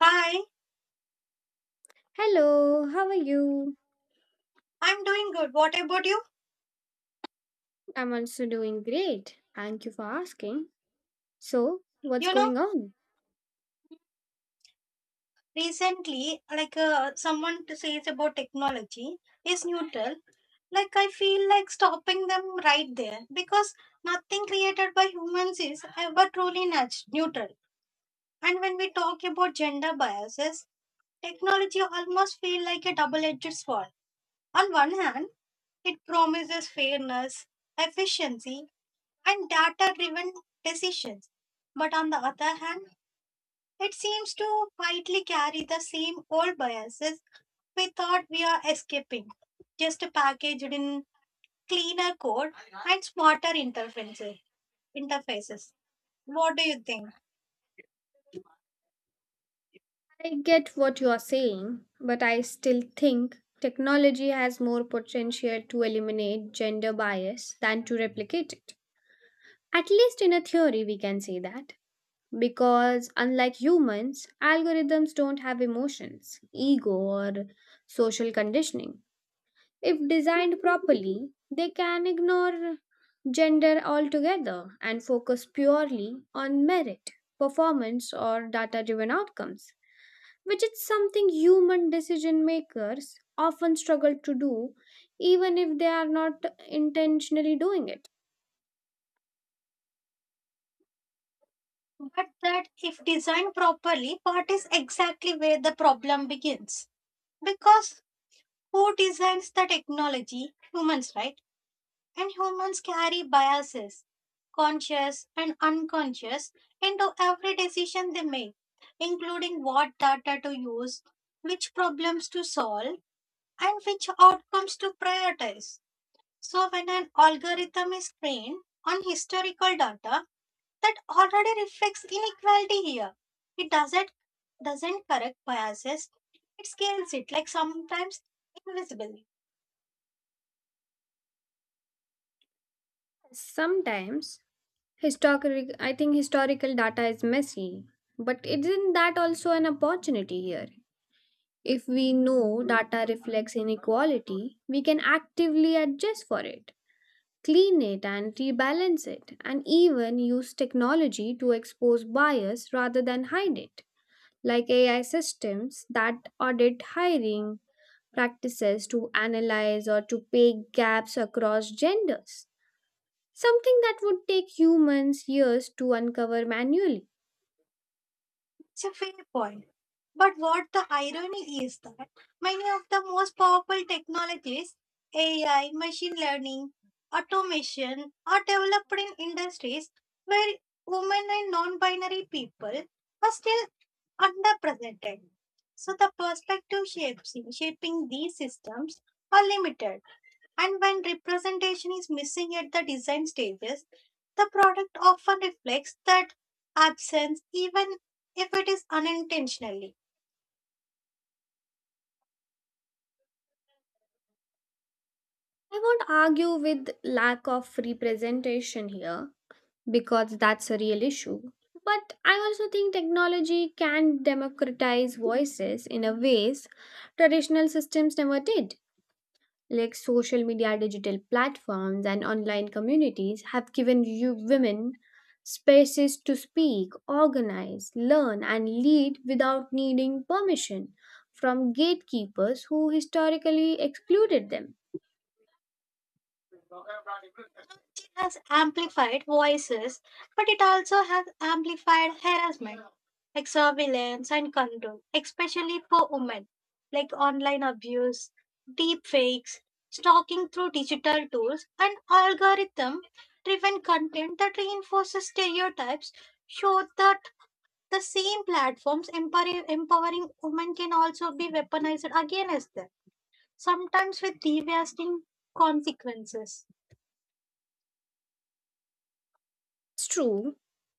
Hi, Hello, how are you? I'm doing good. What about you? I'm also doing great. Thank you for asking. So, what's You know, going on? recently, someone to says about technology is neutral. Like I feel like stopping them right there because nothing created by humans is ever truly neutral. And when we talk about gender biases, technology almost feel like a double-edged sword. On one hand, it promises fairness, efficiency, and data-driven decisions. But on the other hand, it seems to quietly carry the same old biases we thought we are escaping, just packaged in cleaner code and smarter interfaces. What do you think? I get what you are saying, but I still think technology has more potential to eliminate gender bias than to replicate it. At least in a theory, we can say that. Because unlike humans, algorithms don't have emotions, ego, or social conditioning. If designed properly, they can ignore gender altogether and focus purely on merit, performance, or data driven outcomes, which is something human decision makers often struggle to do, even if they are not intentionally doing it. But that, if designed properly, what is exactly where the problem begins? Because who designs the technology? Humans, right? And humans carry biases, conscious and unconscious, into every decision they make, including what data to use, which problems to solve, and which outcomes to prioritize. So, when an algorithm is trained on historical data that already reflects inequality here, it doesn't correct biases, it scales it like sometimes invisibly. Sometimes, I think historical data is messy, but isn't that also an opportunity here? If we know data reflects inequality, we can actively adjust for it, clean it, and rebalance it, and even use technology to expose bias rather than hide it, like AI systems that audit hiring practices to analyze or to pay gaps across genders. Something that would take humans years to uncover manually. It's a fair point. But what the irony is that many of the most powerful technologies, AI, machine learning, automation, are developed in industries where women and non binary people are still underrepresented. So the perspective shapes shaping these systems are limited. And when representation is missing at the design stages, the product often reflects that absence, even if it is unintentionally. I won't argue with lack of representation here because that's a real issue. But I also think technology can democratize voices in a ways traditional systems never did. Like social media, digital platforms, and online communities have given you women spaces to speak, organize, learn, and lead without needing permission from gatekeepers who historically excluded them. Technology has amplified voices, but it also has amplified harassment, like surveillance and control, especially for women, like online abuse, deep fakes, stalking through digital tools, and algorithm driven content that reinforces stereotypes show that the same platforms empowering women can also be weaponized against them, sometimes with devastating consequences. It's true,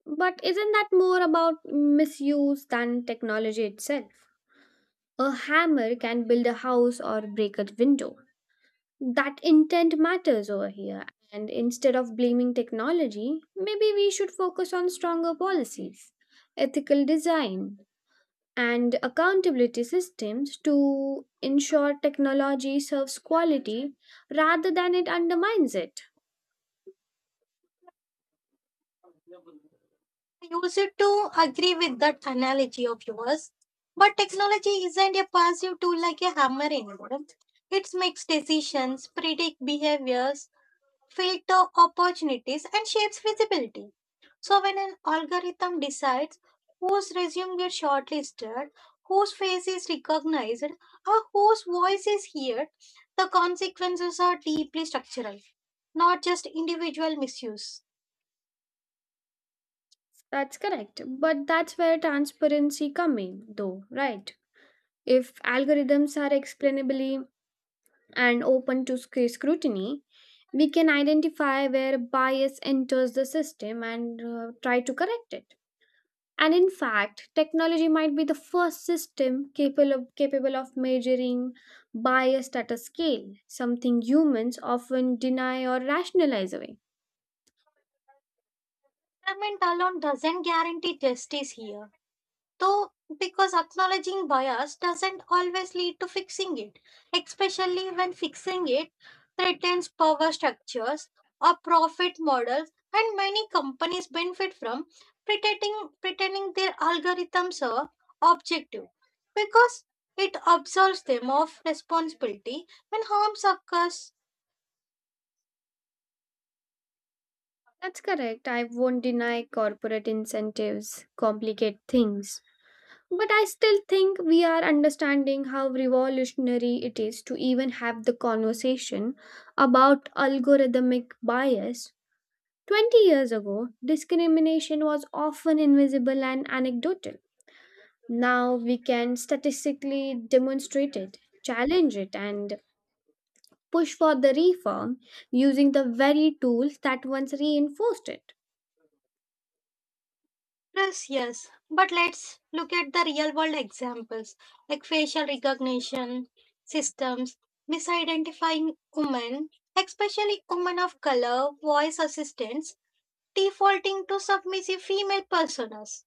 but isn't that more about misuse than technology itself? A hammer can build a house or break a window. That intent matters over here, and instead of blaming technology, maybe we should focus on stronger policies, ethical design, and accountability systems to ensure technology serves quality rather than it undermines it. I used to agree with that analogy of yours, but technology isn't a passive tool like a hammer anymore. It makes decisions, predict behaviors, filter opportunities and shapes visibility. So when an algorithm decides whose resume gets shortlisted, whose face is recognized, or whose voice is heard, the consequences are deeply structural, not just individual misuse. That's correct, but that's where transparency comes in, though, right? If algorithms are explainably and open to scrutiny, we can identify where bias enters the system and try to correct it. And in fact, technology might be the first system capable of measuring bias at a scale, something humans often deny or rationalize away. Government alone doesn't guarantee justice here. Though, because acknowledging bias doesn't always lead to fixing it, especially when fixing it threatens power structures or profit models, and many companies benefit from pretending their algorithms are objective because it absolves them of responsibility when harms occurs. That's correct. I won't deny corporate incentives complicate things. But I still think we are understanding how revolutionary it is to even have the conversation about algorithmic bias. 20 years ago, discrimination was often invisible and anecdotal. Now we can statistically demonstrate it, challenge it, and push for the reform using the very tools that once reinforced it. Yes, yes. But let's look at the real world examples like facial recognition systems, misidentifying women, especially women of color, voice assistants, defaulting to submissive female personas,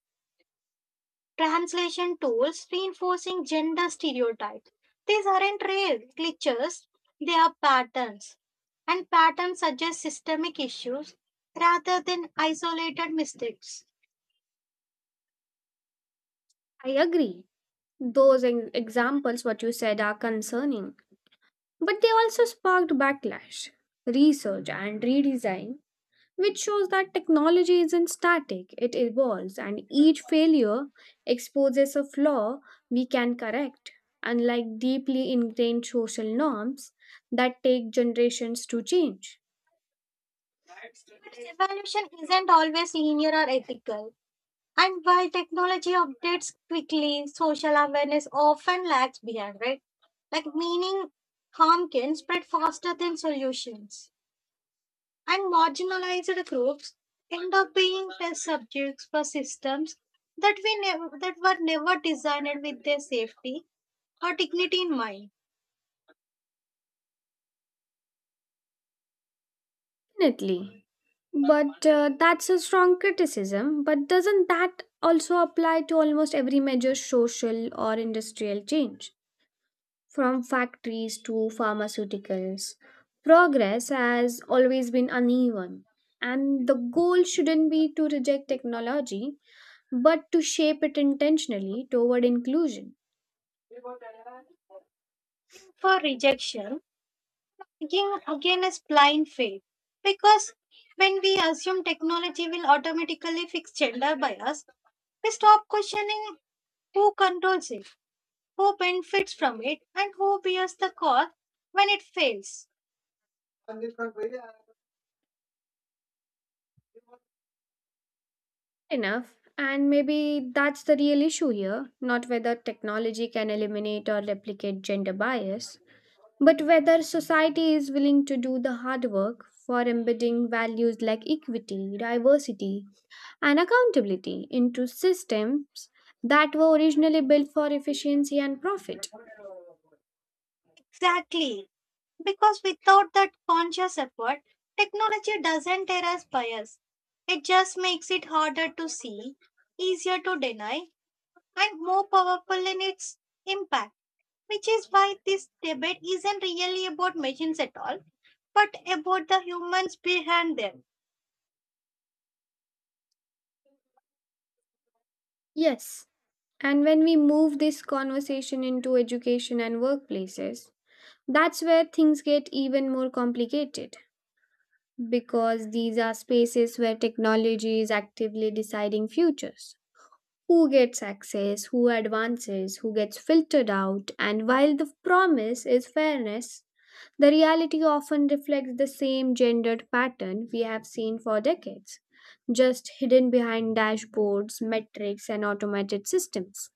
translation tools reinforcing gender stereotypes. These aren't rare glitches, they are patterns. And patterns suggest systemic issues rather than isolated mistakes. I agree. Those examples, what you said, are concerning. But they also sparked backlash, research, and redesign, which shows that technology isn't static, it evolves, and each failure exposes a flaw we can correct, unlike deeply ingrained social norms that take generations to change. But evolution isn't always linear or ethical, and while technology updates quickly, social awareness often lags behind, right? Like, meaning harm can spread faster than solutions, and marginalized groups end up being test subjects for systems that were never designed with their safety or dignity in mind. Definitely. But that's a strong criticism, but doesn't that also apply to almost every major social or industrial change? From factories to pharmaceuticals. Progress has always been uneven, and the goal shouldn't be to reject technology but to shape it intentionally toward inclusion. For rejection, Again is blind faith. Because when we assume technology will automatically fix gender bias, we stop questioning who controls it, who benefits from it, and who bears the cost when it fails. Enough, and maybe that's the real issue here, not whether technology can eliminate or replicate gender bias, but whether society is willing to do the hard work for embedding values like equity, diversity, and accountability into systems that were originally built for efficiency and profit. Exactly. Because without that conscious effort, technology doesn't erase bias. It just makes it harder to see, easier to deny, and more powerful in its impact, which is why this debate isn't really about machines at all, but about the humans behind them. Yes, and when we move this conversation into education and workplaces, that's where things get even more complicated because these are spaces where technology is actively deciding futures. Who gets access, who advances, who gets filtered out, and while the promise is fairness, the reality often reflects the same gendered pattern we have seen for decades, just hidden behind dashboards, metrics, and automated systems.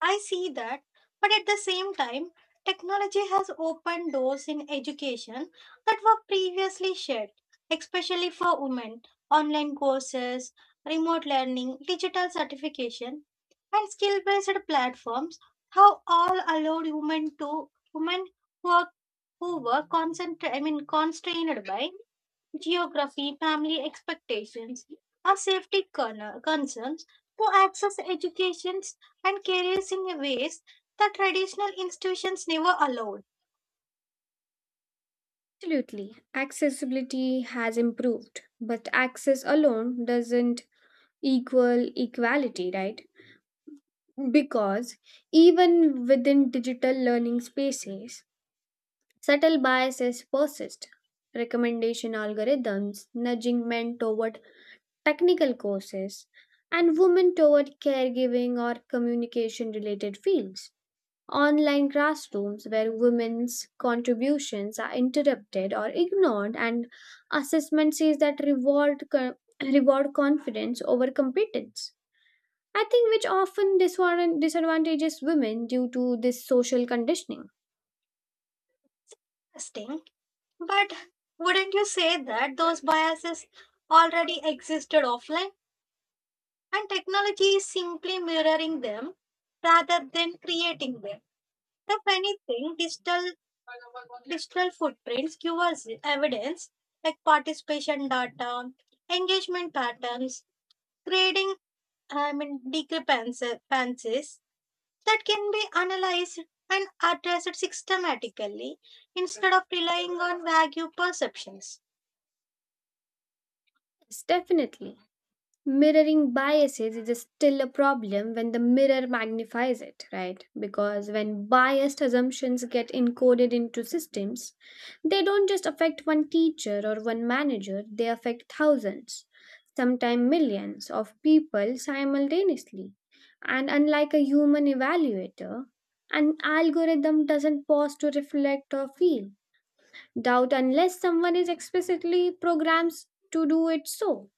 I see that, but at the same time, technology has opened doors in education that were previously shut, especially for women. Online courses, remote learning, digital certification, and skill based platforms have all allowed women to women who are who were constrained by geography, family expectations are concerns to access educations and careers in a ways that traditional institutions never allowed. Absolutely, accessibility has improved, but access alone doesn't equal equality, right? Because even within digital learning spaces, subtle biases persist. Recommendation algorithms nudging men toward technical courses, and women toward caregiving or communication related fields. Online classrooms where women's contributions are interrupted or ignored, and assessment sees that reward, reward confidence over competence. I think which often disadvantages women due to this social conditioning. Sting. But wouldn't you say that those biases already existed offline and technology is simply mirroring them rather than creating them? If anything, digital footprints give us evidence like participation data, engagement patterns, grading, discrepancies that can be analyzed and addressed systematically instead of relying on vague perceptions. Yes, definitely. Mirroring biases is still a problem when the mirror magnifies it, right? Because when biased assumptions get encoded into systems, they don't just affect one teacher or one manager, they affect thousands, sometimes millions of people simultaneously. And unlike a human evaluator, an algorithm doesn't pause to reflect or feel doubt unless someone is explicitly programmed to do it so.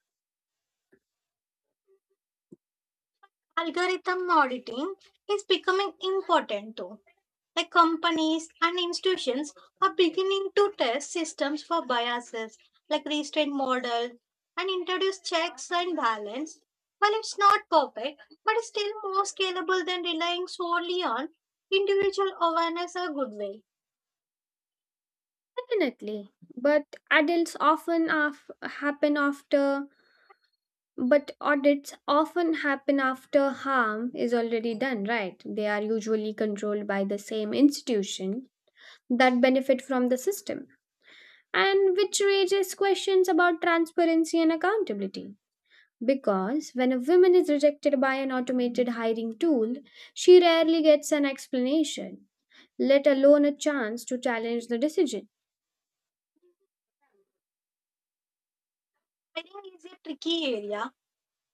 Algorithm auditing is becoming important too. Like companies and institutions are beginning to test systems for biases, like restraint model, and introduce checks and balance. While it's not perfect, but it's still more scalable than relying solely on individual awareness or goodwill. Definitely, but adults often af- happen after, but audits often happen after harm is already done, right? They are usually controlled by the same institution that benefit from the system, and which raises questions about transparency and accountability. Because when a woman is rejected by an automated hiring tool, she rarely gets an explanation, let alone a chance to challenge the decision. I think it's a tricky area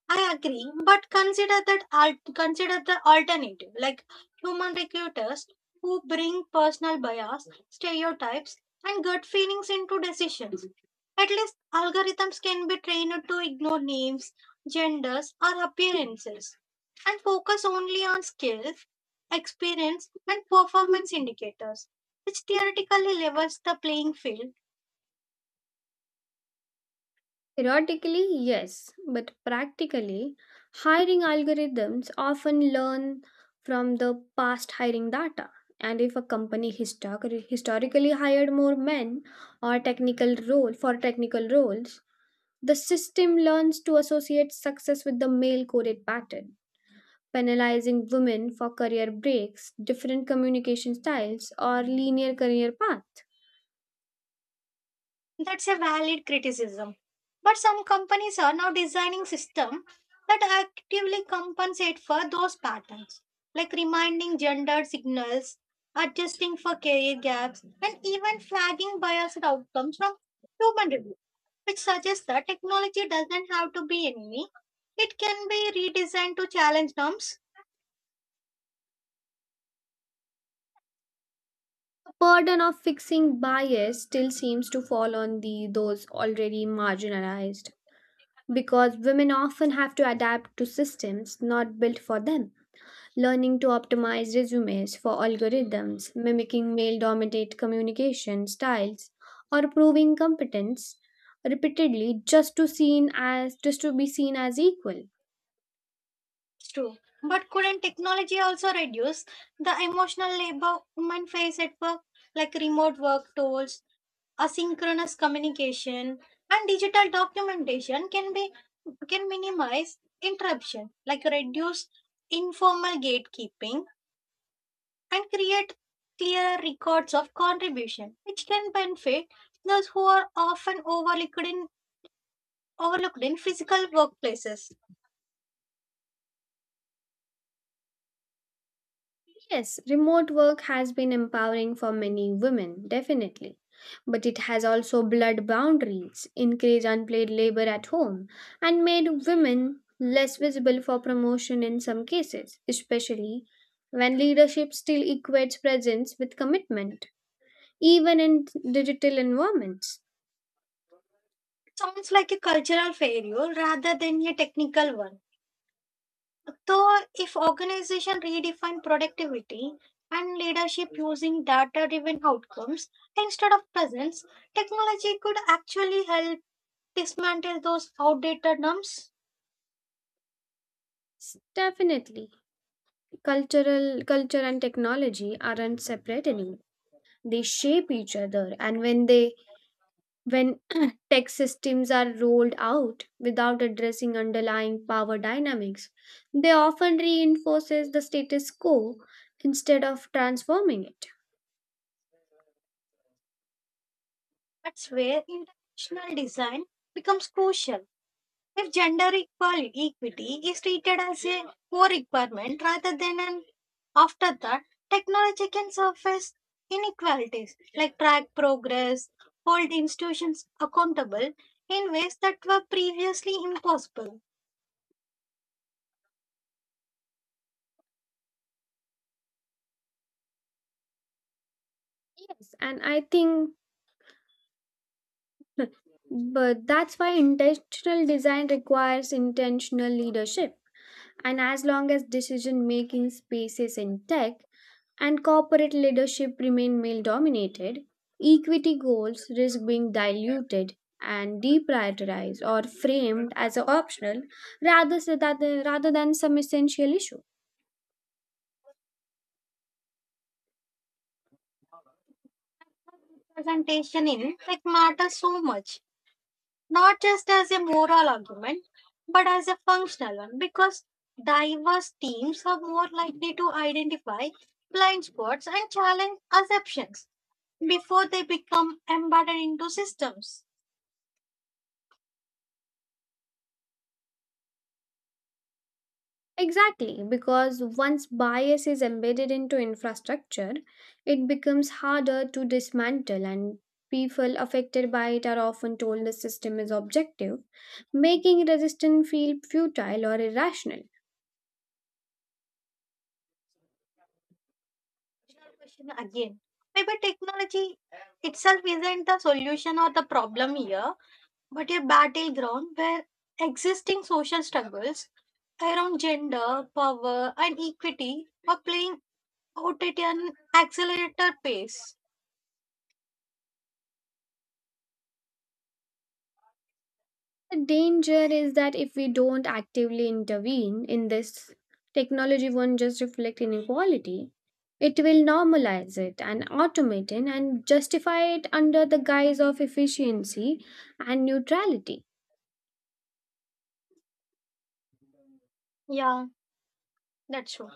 I agree, but consider the alternative, like human recruiters who bring personal bias, stereotypes, and gut feelings into decisions. At least algorithms can be trained to ignore names, genders, or appearances, and focus only on skills, experience, and performance indicators, which theoretically levels the playing field. Theoretically, yes, but practically, hiring algorithms often learn from the past hiring data. And if a company historically hired more men or technical role for technical roles, the system learns to associate success with the male coded pattern, penalizing women for career breaks, different communication styles, or linear career paths. That's a valid criticism. But some companies are now designing systems that actively compensate for those patterns, like reminding gender signals, adjusting for career gaps, and even flagging biased outcomes from human review, which suggests that technology doesn't have to be enemy. It can be redesigned to challenge norms. Burden of fixing bias still seems to fall on the those already marginalized because women often have to adapt to systems not built for them, learning to optimize resumes for algorithms mimicking male dominated communication styles or proving competence repeatedly just to be seen as equal. It's true. But couldn't technology also reduce the emotional labor women face at work, like remote work tools? Asynchronous communication and digital documentation can minimize interruption, like reduce informal gatekeeping and create clearer records of contribution, which can benefit those who are often overlooked in physical workplaces. Yes, remote work has been empowering for many women definitely, but it has also blurred boundaries, encouraged unpaid labor at home, and made women less visible for promotion in some cases, especially when leadership still equates presence with commitment, even in digital environments. Sounds like a cultural failure rather than a technical one. So, if organization redefine productivity and leadership using data-driven outcomes instead of presence, technology could actually help dismantle those outdated norms. Definitely, cultural culture and technology aren't separate anymore. They shape each other, and when tech systems are rolled out without addressing underlying power dynamics. They often reinforces the status quo instead of transforming it. That's where intentional design becomes crucial. If gender equal equity is treated as a core requirement rather than an afterthought, technology can surface inequalities like track progress, hold institutions accountable in ways that were previously impossible. Yes, and I think but that's why intentional design requires intentional leadership. And as long as decision making space is intact and corporate leadership remain male dominated, equity goals risk being diluted and deprioritized or framed as optional, rather, so that rather than some essential issue. Representation in like matters so much, not just as a moral argument, but as a functional one, because diverse teams are more likely to identify blind spots and challenge assumptions before they become embedded into systems. Exactly, because once bias is embedded into infrastructure, it becomes harder to dismantle, and people affected by it are often told the system is objective, making resistance feel futile or irrational. Your question again. Maybe technology itself isn't the solution or the problem here, but a battleground where existing social struggles around gender, power, and equity are playing out at an accelerator pace. The danger is that if we don't actively intervene in this, technology won't just reflect inequality. It will normalize it and automate it and justify it under the guise of efficiency and neutrality. Yeah, that's true.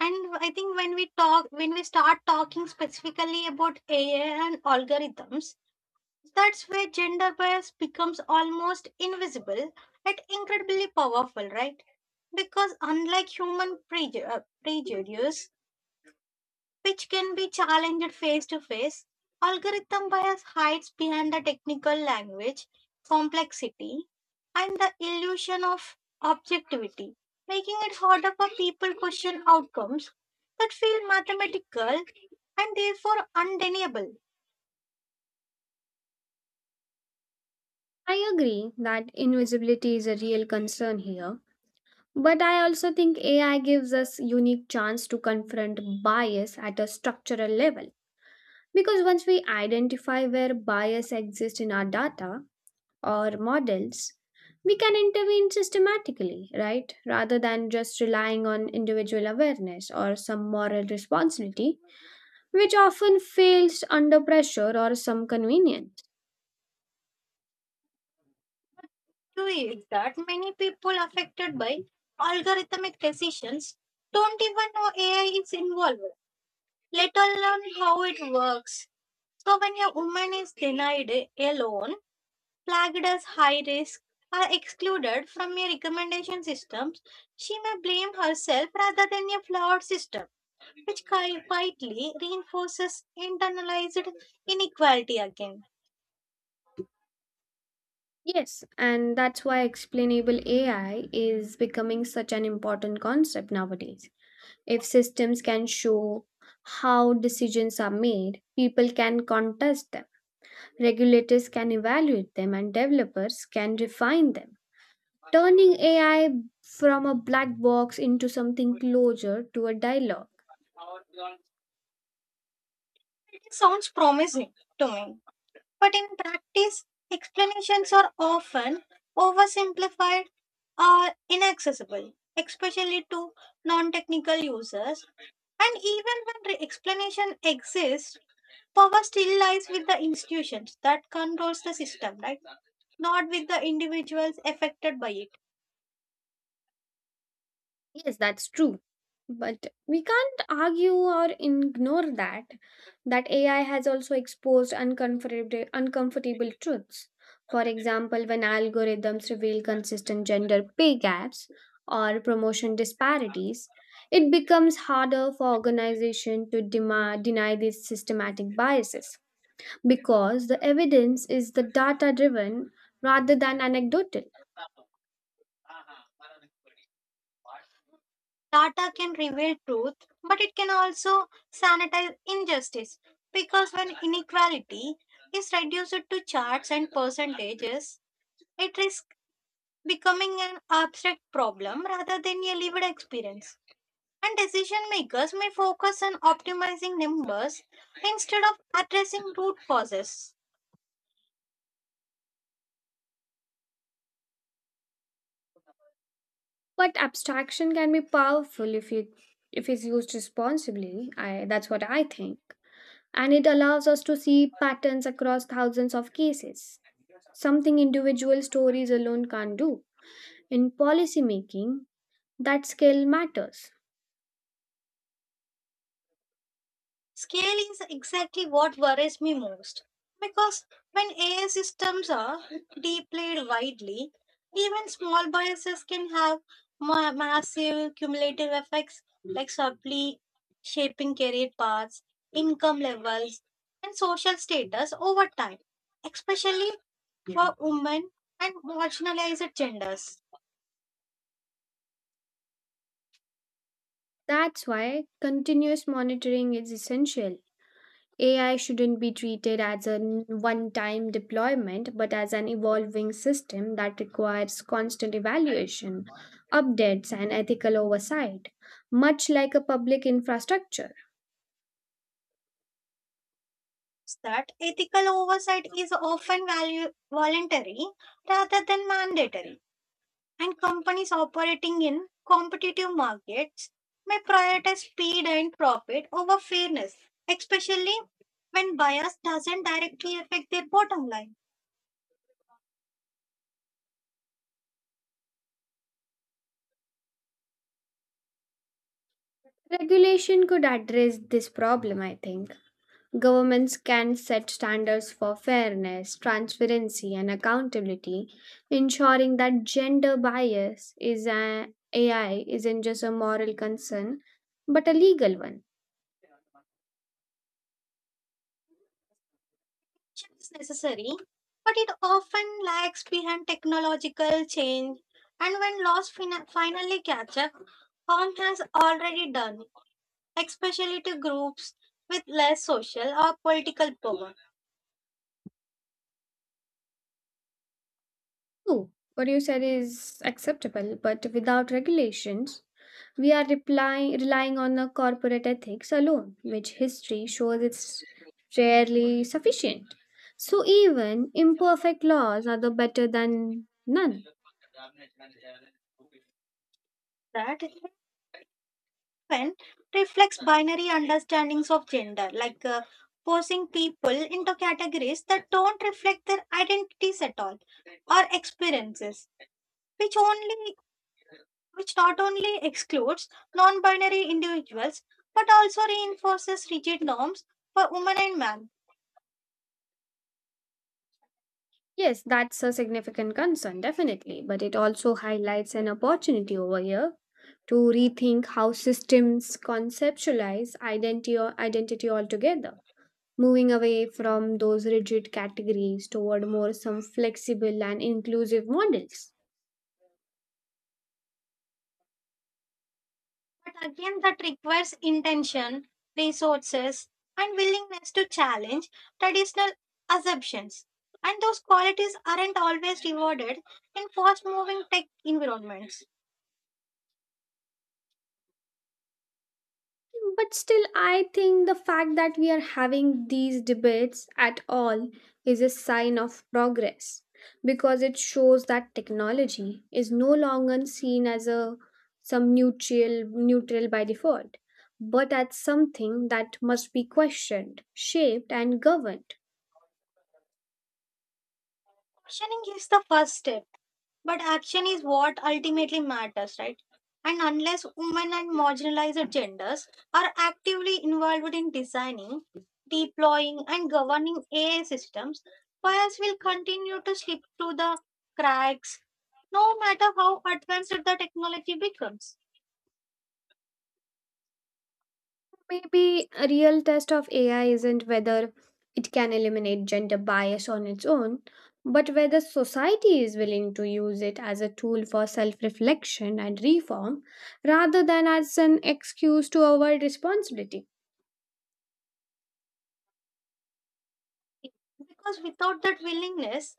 And I think when we start talking specifically about AI and algorithms, that's where gender bias becomes almost invisible yet incredibly powerful, right? Because unlike prejudice, which can be challenged face to face, algorithm bias hides behind the technical language, complexity, and the illusion of objectivity, making it harder for people to question outcomes that feel mathematical and therefore undeniable. I agree that invisibility is a real concern here, but I also think AI gives us unique chance to confront bias at a structural level because once we identify where bias exists in our data or models, we can intervene systematically, right? Rather than just relying on individual awareness or some moral responsibility, which often fails under pressure or some convenience. True is that many people affected by algorithmic decisions don't even know AI is involved, let alone how it works. So, when a woman is denied a loan, flagged as high risk, or excluded from a recommendation system, she may blame herself rather than a flawed system, which quietly reinforces internalized inequality again. Yes, and that's why explainable AI is becoming such an important concept nowadays. If systems can show how decisions are made, people can contest them, regulators can evaluate them, and developers can refine them. Turning AI from a black box into something closer to a dialogue. It sounds promising to me. But in practice, explanations are often oversimplified or inaccessible, especially to non technical users. And even when the explanation exists, power still lies with the institutions that controls the system, right? Not with the individuals affected by it. Yes, that's true. But we can't argue or ignore that AI has also exposed uncomfortable truths. For example, when algorithms reveal consistent gender pay gaps or promotion disparities, it becomes harder for organizations to demand, deny these systematic biases because the evidence is the data driven rather than anecdotal. Data can reveal truth, but it can also sanitize injustice. Because when inequality is reduced to charts and percentages, it risks becoming an abstract problem rather than a lived experience. And decision makers may focus on optimizing numbers instead of addressing root causes. But abstraction can be powerful if it's used responsibly. I that's what I think. And it allows us to see patterns across thousands of cases. Something individual stories alone can't do. In policymaking, that skill matters. Scale is exactly what worries me most because when AI systems are deployed widely, even small biases can have massive cumulative effects like subtly shaping career paths, income levels, and social status over time, especially for women and marginalized genders. That's why continuous monitoring is essential. AI shouldn't be treated as a one time deployment, but as an evolving system that requires constant evaluation, updates, and ethical oversight, much like a public infrastructure. That ethical oversight is often voluntary rather than mandatory and companies operating in competitive markets may prioritize speed and profit over fairness, especially when bias doesn't directly affect their bottom line, Regulation could address this problem, I think. Governments can set standards for fairness, transparency, and accountability, ensuring that gender bias is a AI isn't just a moral concern, but a legal one. which is necessary but it often lags behind technological change and when laws finally catch up harm has already done, especially to groups with less social or political power. True. What you said is acceptable, but without regulations, relying on a corporate ethics alone, which history shows it's rarely sufficient. So even imperfect laws are the better than none. That often reflects binary understandings of gender, forcing people into categories that don't reflect their identities at all or experiences, which only which not only excludes non-binary individuals but also reinforces rigid norms for women and men. Yes, that's a significant concern, definitely, but it also highlights an opportunity over here to rethink how systems conceptualize identity altogether. Moving away from those rigid categories toward more some flexible and inclusive models. But again, that requires intention, resources, and willingness to challenge traditional assumptions. And those qualities aren't always rewarded in fast moving tech environments. But still I think the fact that we are having these debates at all is a sign of progress because it shows that technology is no longer seen as a some neutral by default but as something that must be questioned, shaped and governed. Questioning is the first step, but action is what ultimately matters, right? And unless women and marginalized genders are actively involved in designing, deploying, and governing AI systems, bias will continue to slip through the cracks no matter how advanced the technology becomes. Maybe a real test of AI isn't whether it can eliminate gender bias on its own, but whether society is willing to use it as a tool for self reflection and reform rather than as an excuse to avoid responsibility. Because without that willingness,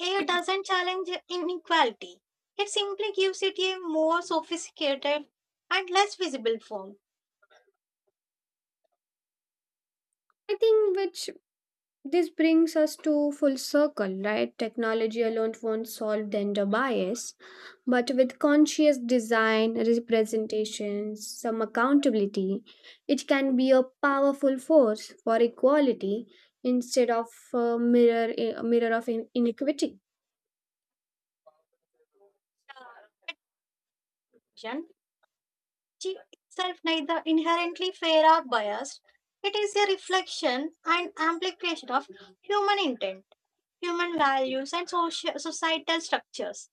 AI doesn't challenge inequality. It simply gives it a more sophisticated and less visible form. I think which This brings us to full circle, right? Technology alone won't solve gender bias, but with conscious design, representations, some accountability, it can be a powerful force for equality instead of a mirror of inequity. Attention, which itself neither inherently fair or biased, it is a reflection and amplification of human intent, human values, and societal structures.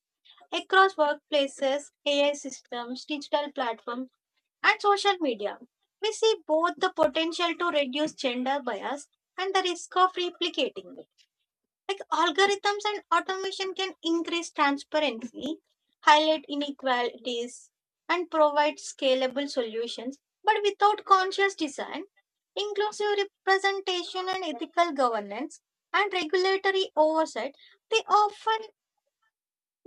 Across workplaces, AI systems, digital platforms, and social media. We see both the potential to reduce gender bias and the risk of replicating it. Like algorithms and automation can increase transparency, highlight inequalities, and provide scalable solutions, but without conscious design, inclusive representation and ethical governance and regulatory oversight, they often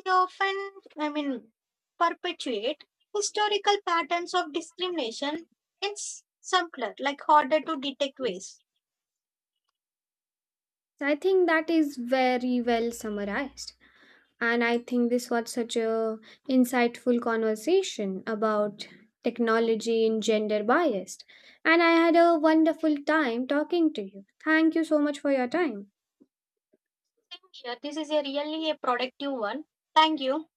they often, I mean, perpetuate historical patterns of discrimination in simpler, like harder to detect ways. So I think that is very well summarized. And I think this was such a insightful conversation about technology and gender bias. And I had a wonderful time talking to you. Thank you so much for your time. Same here. This is a really a productive one. Thank you.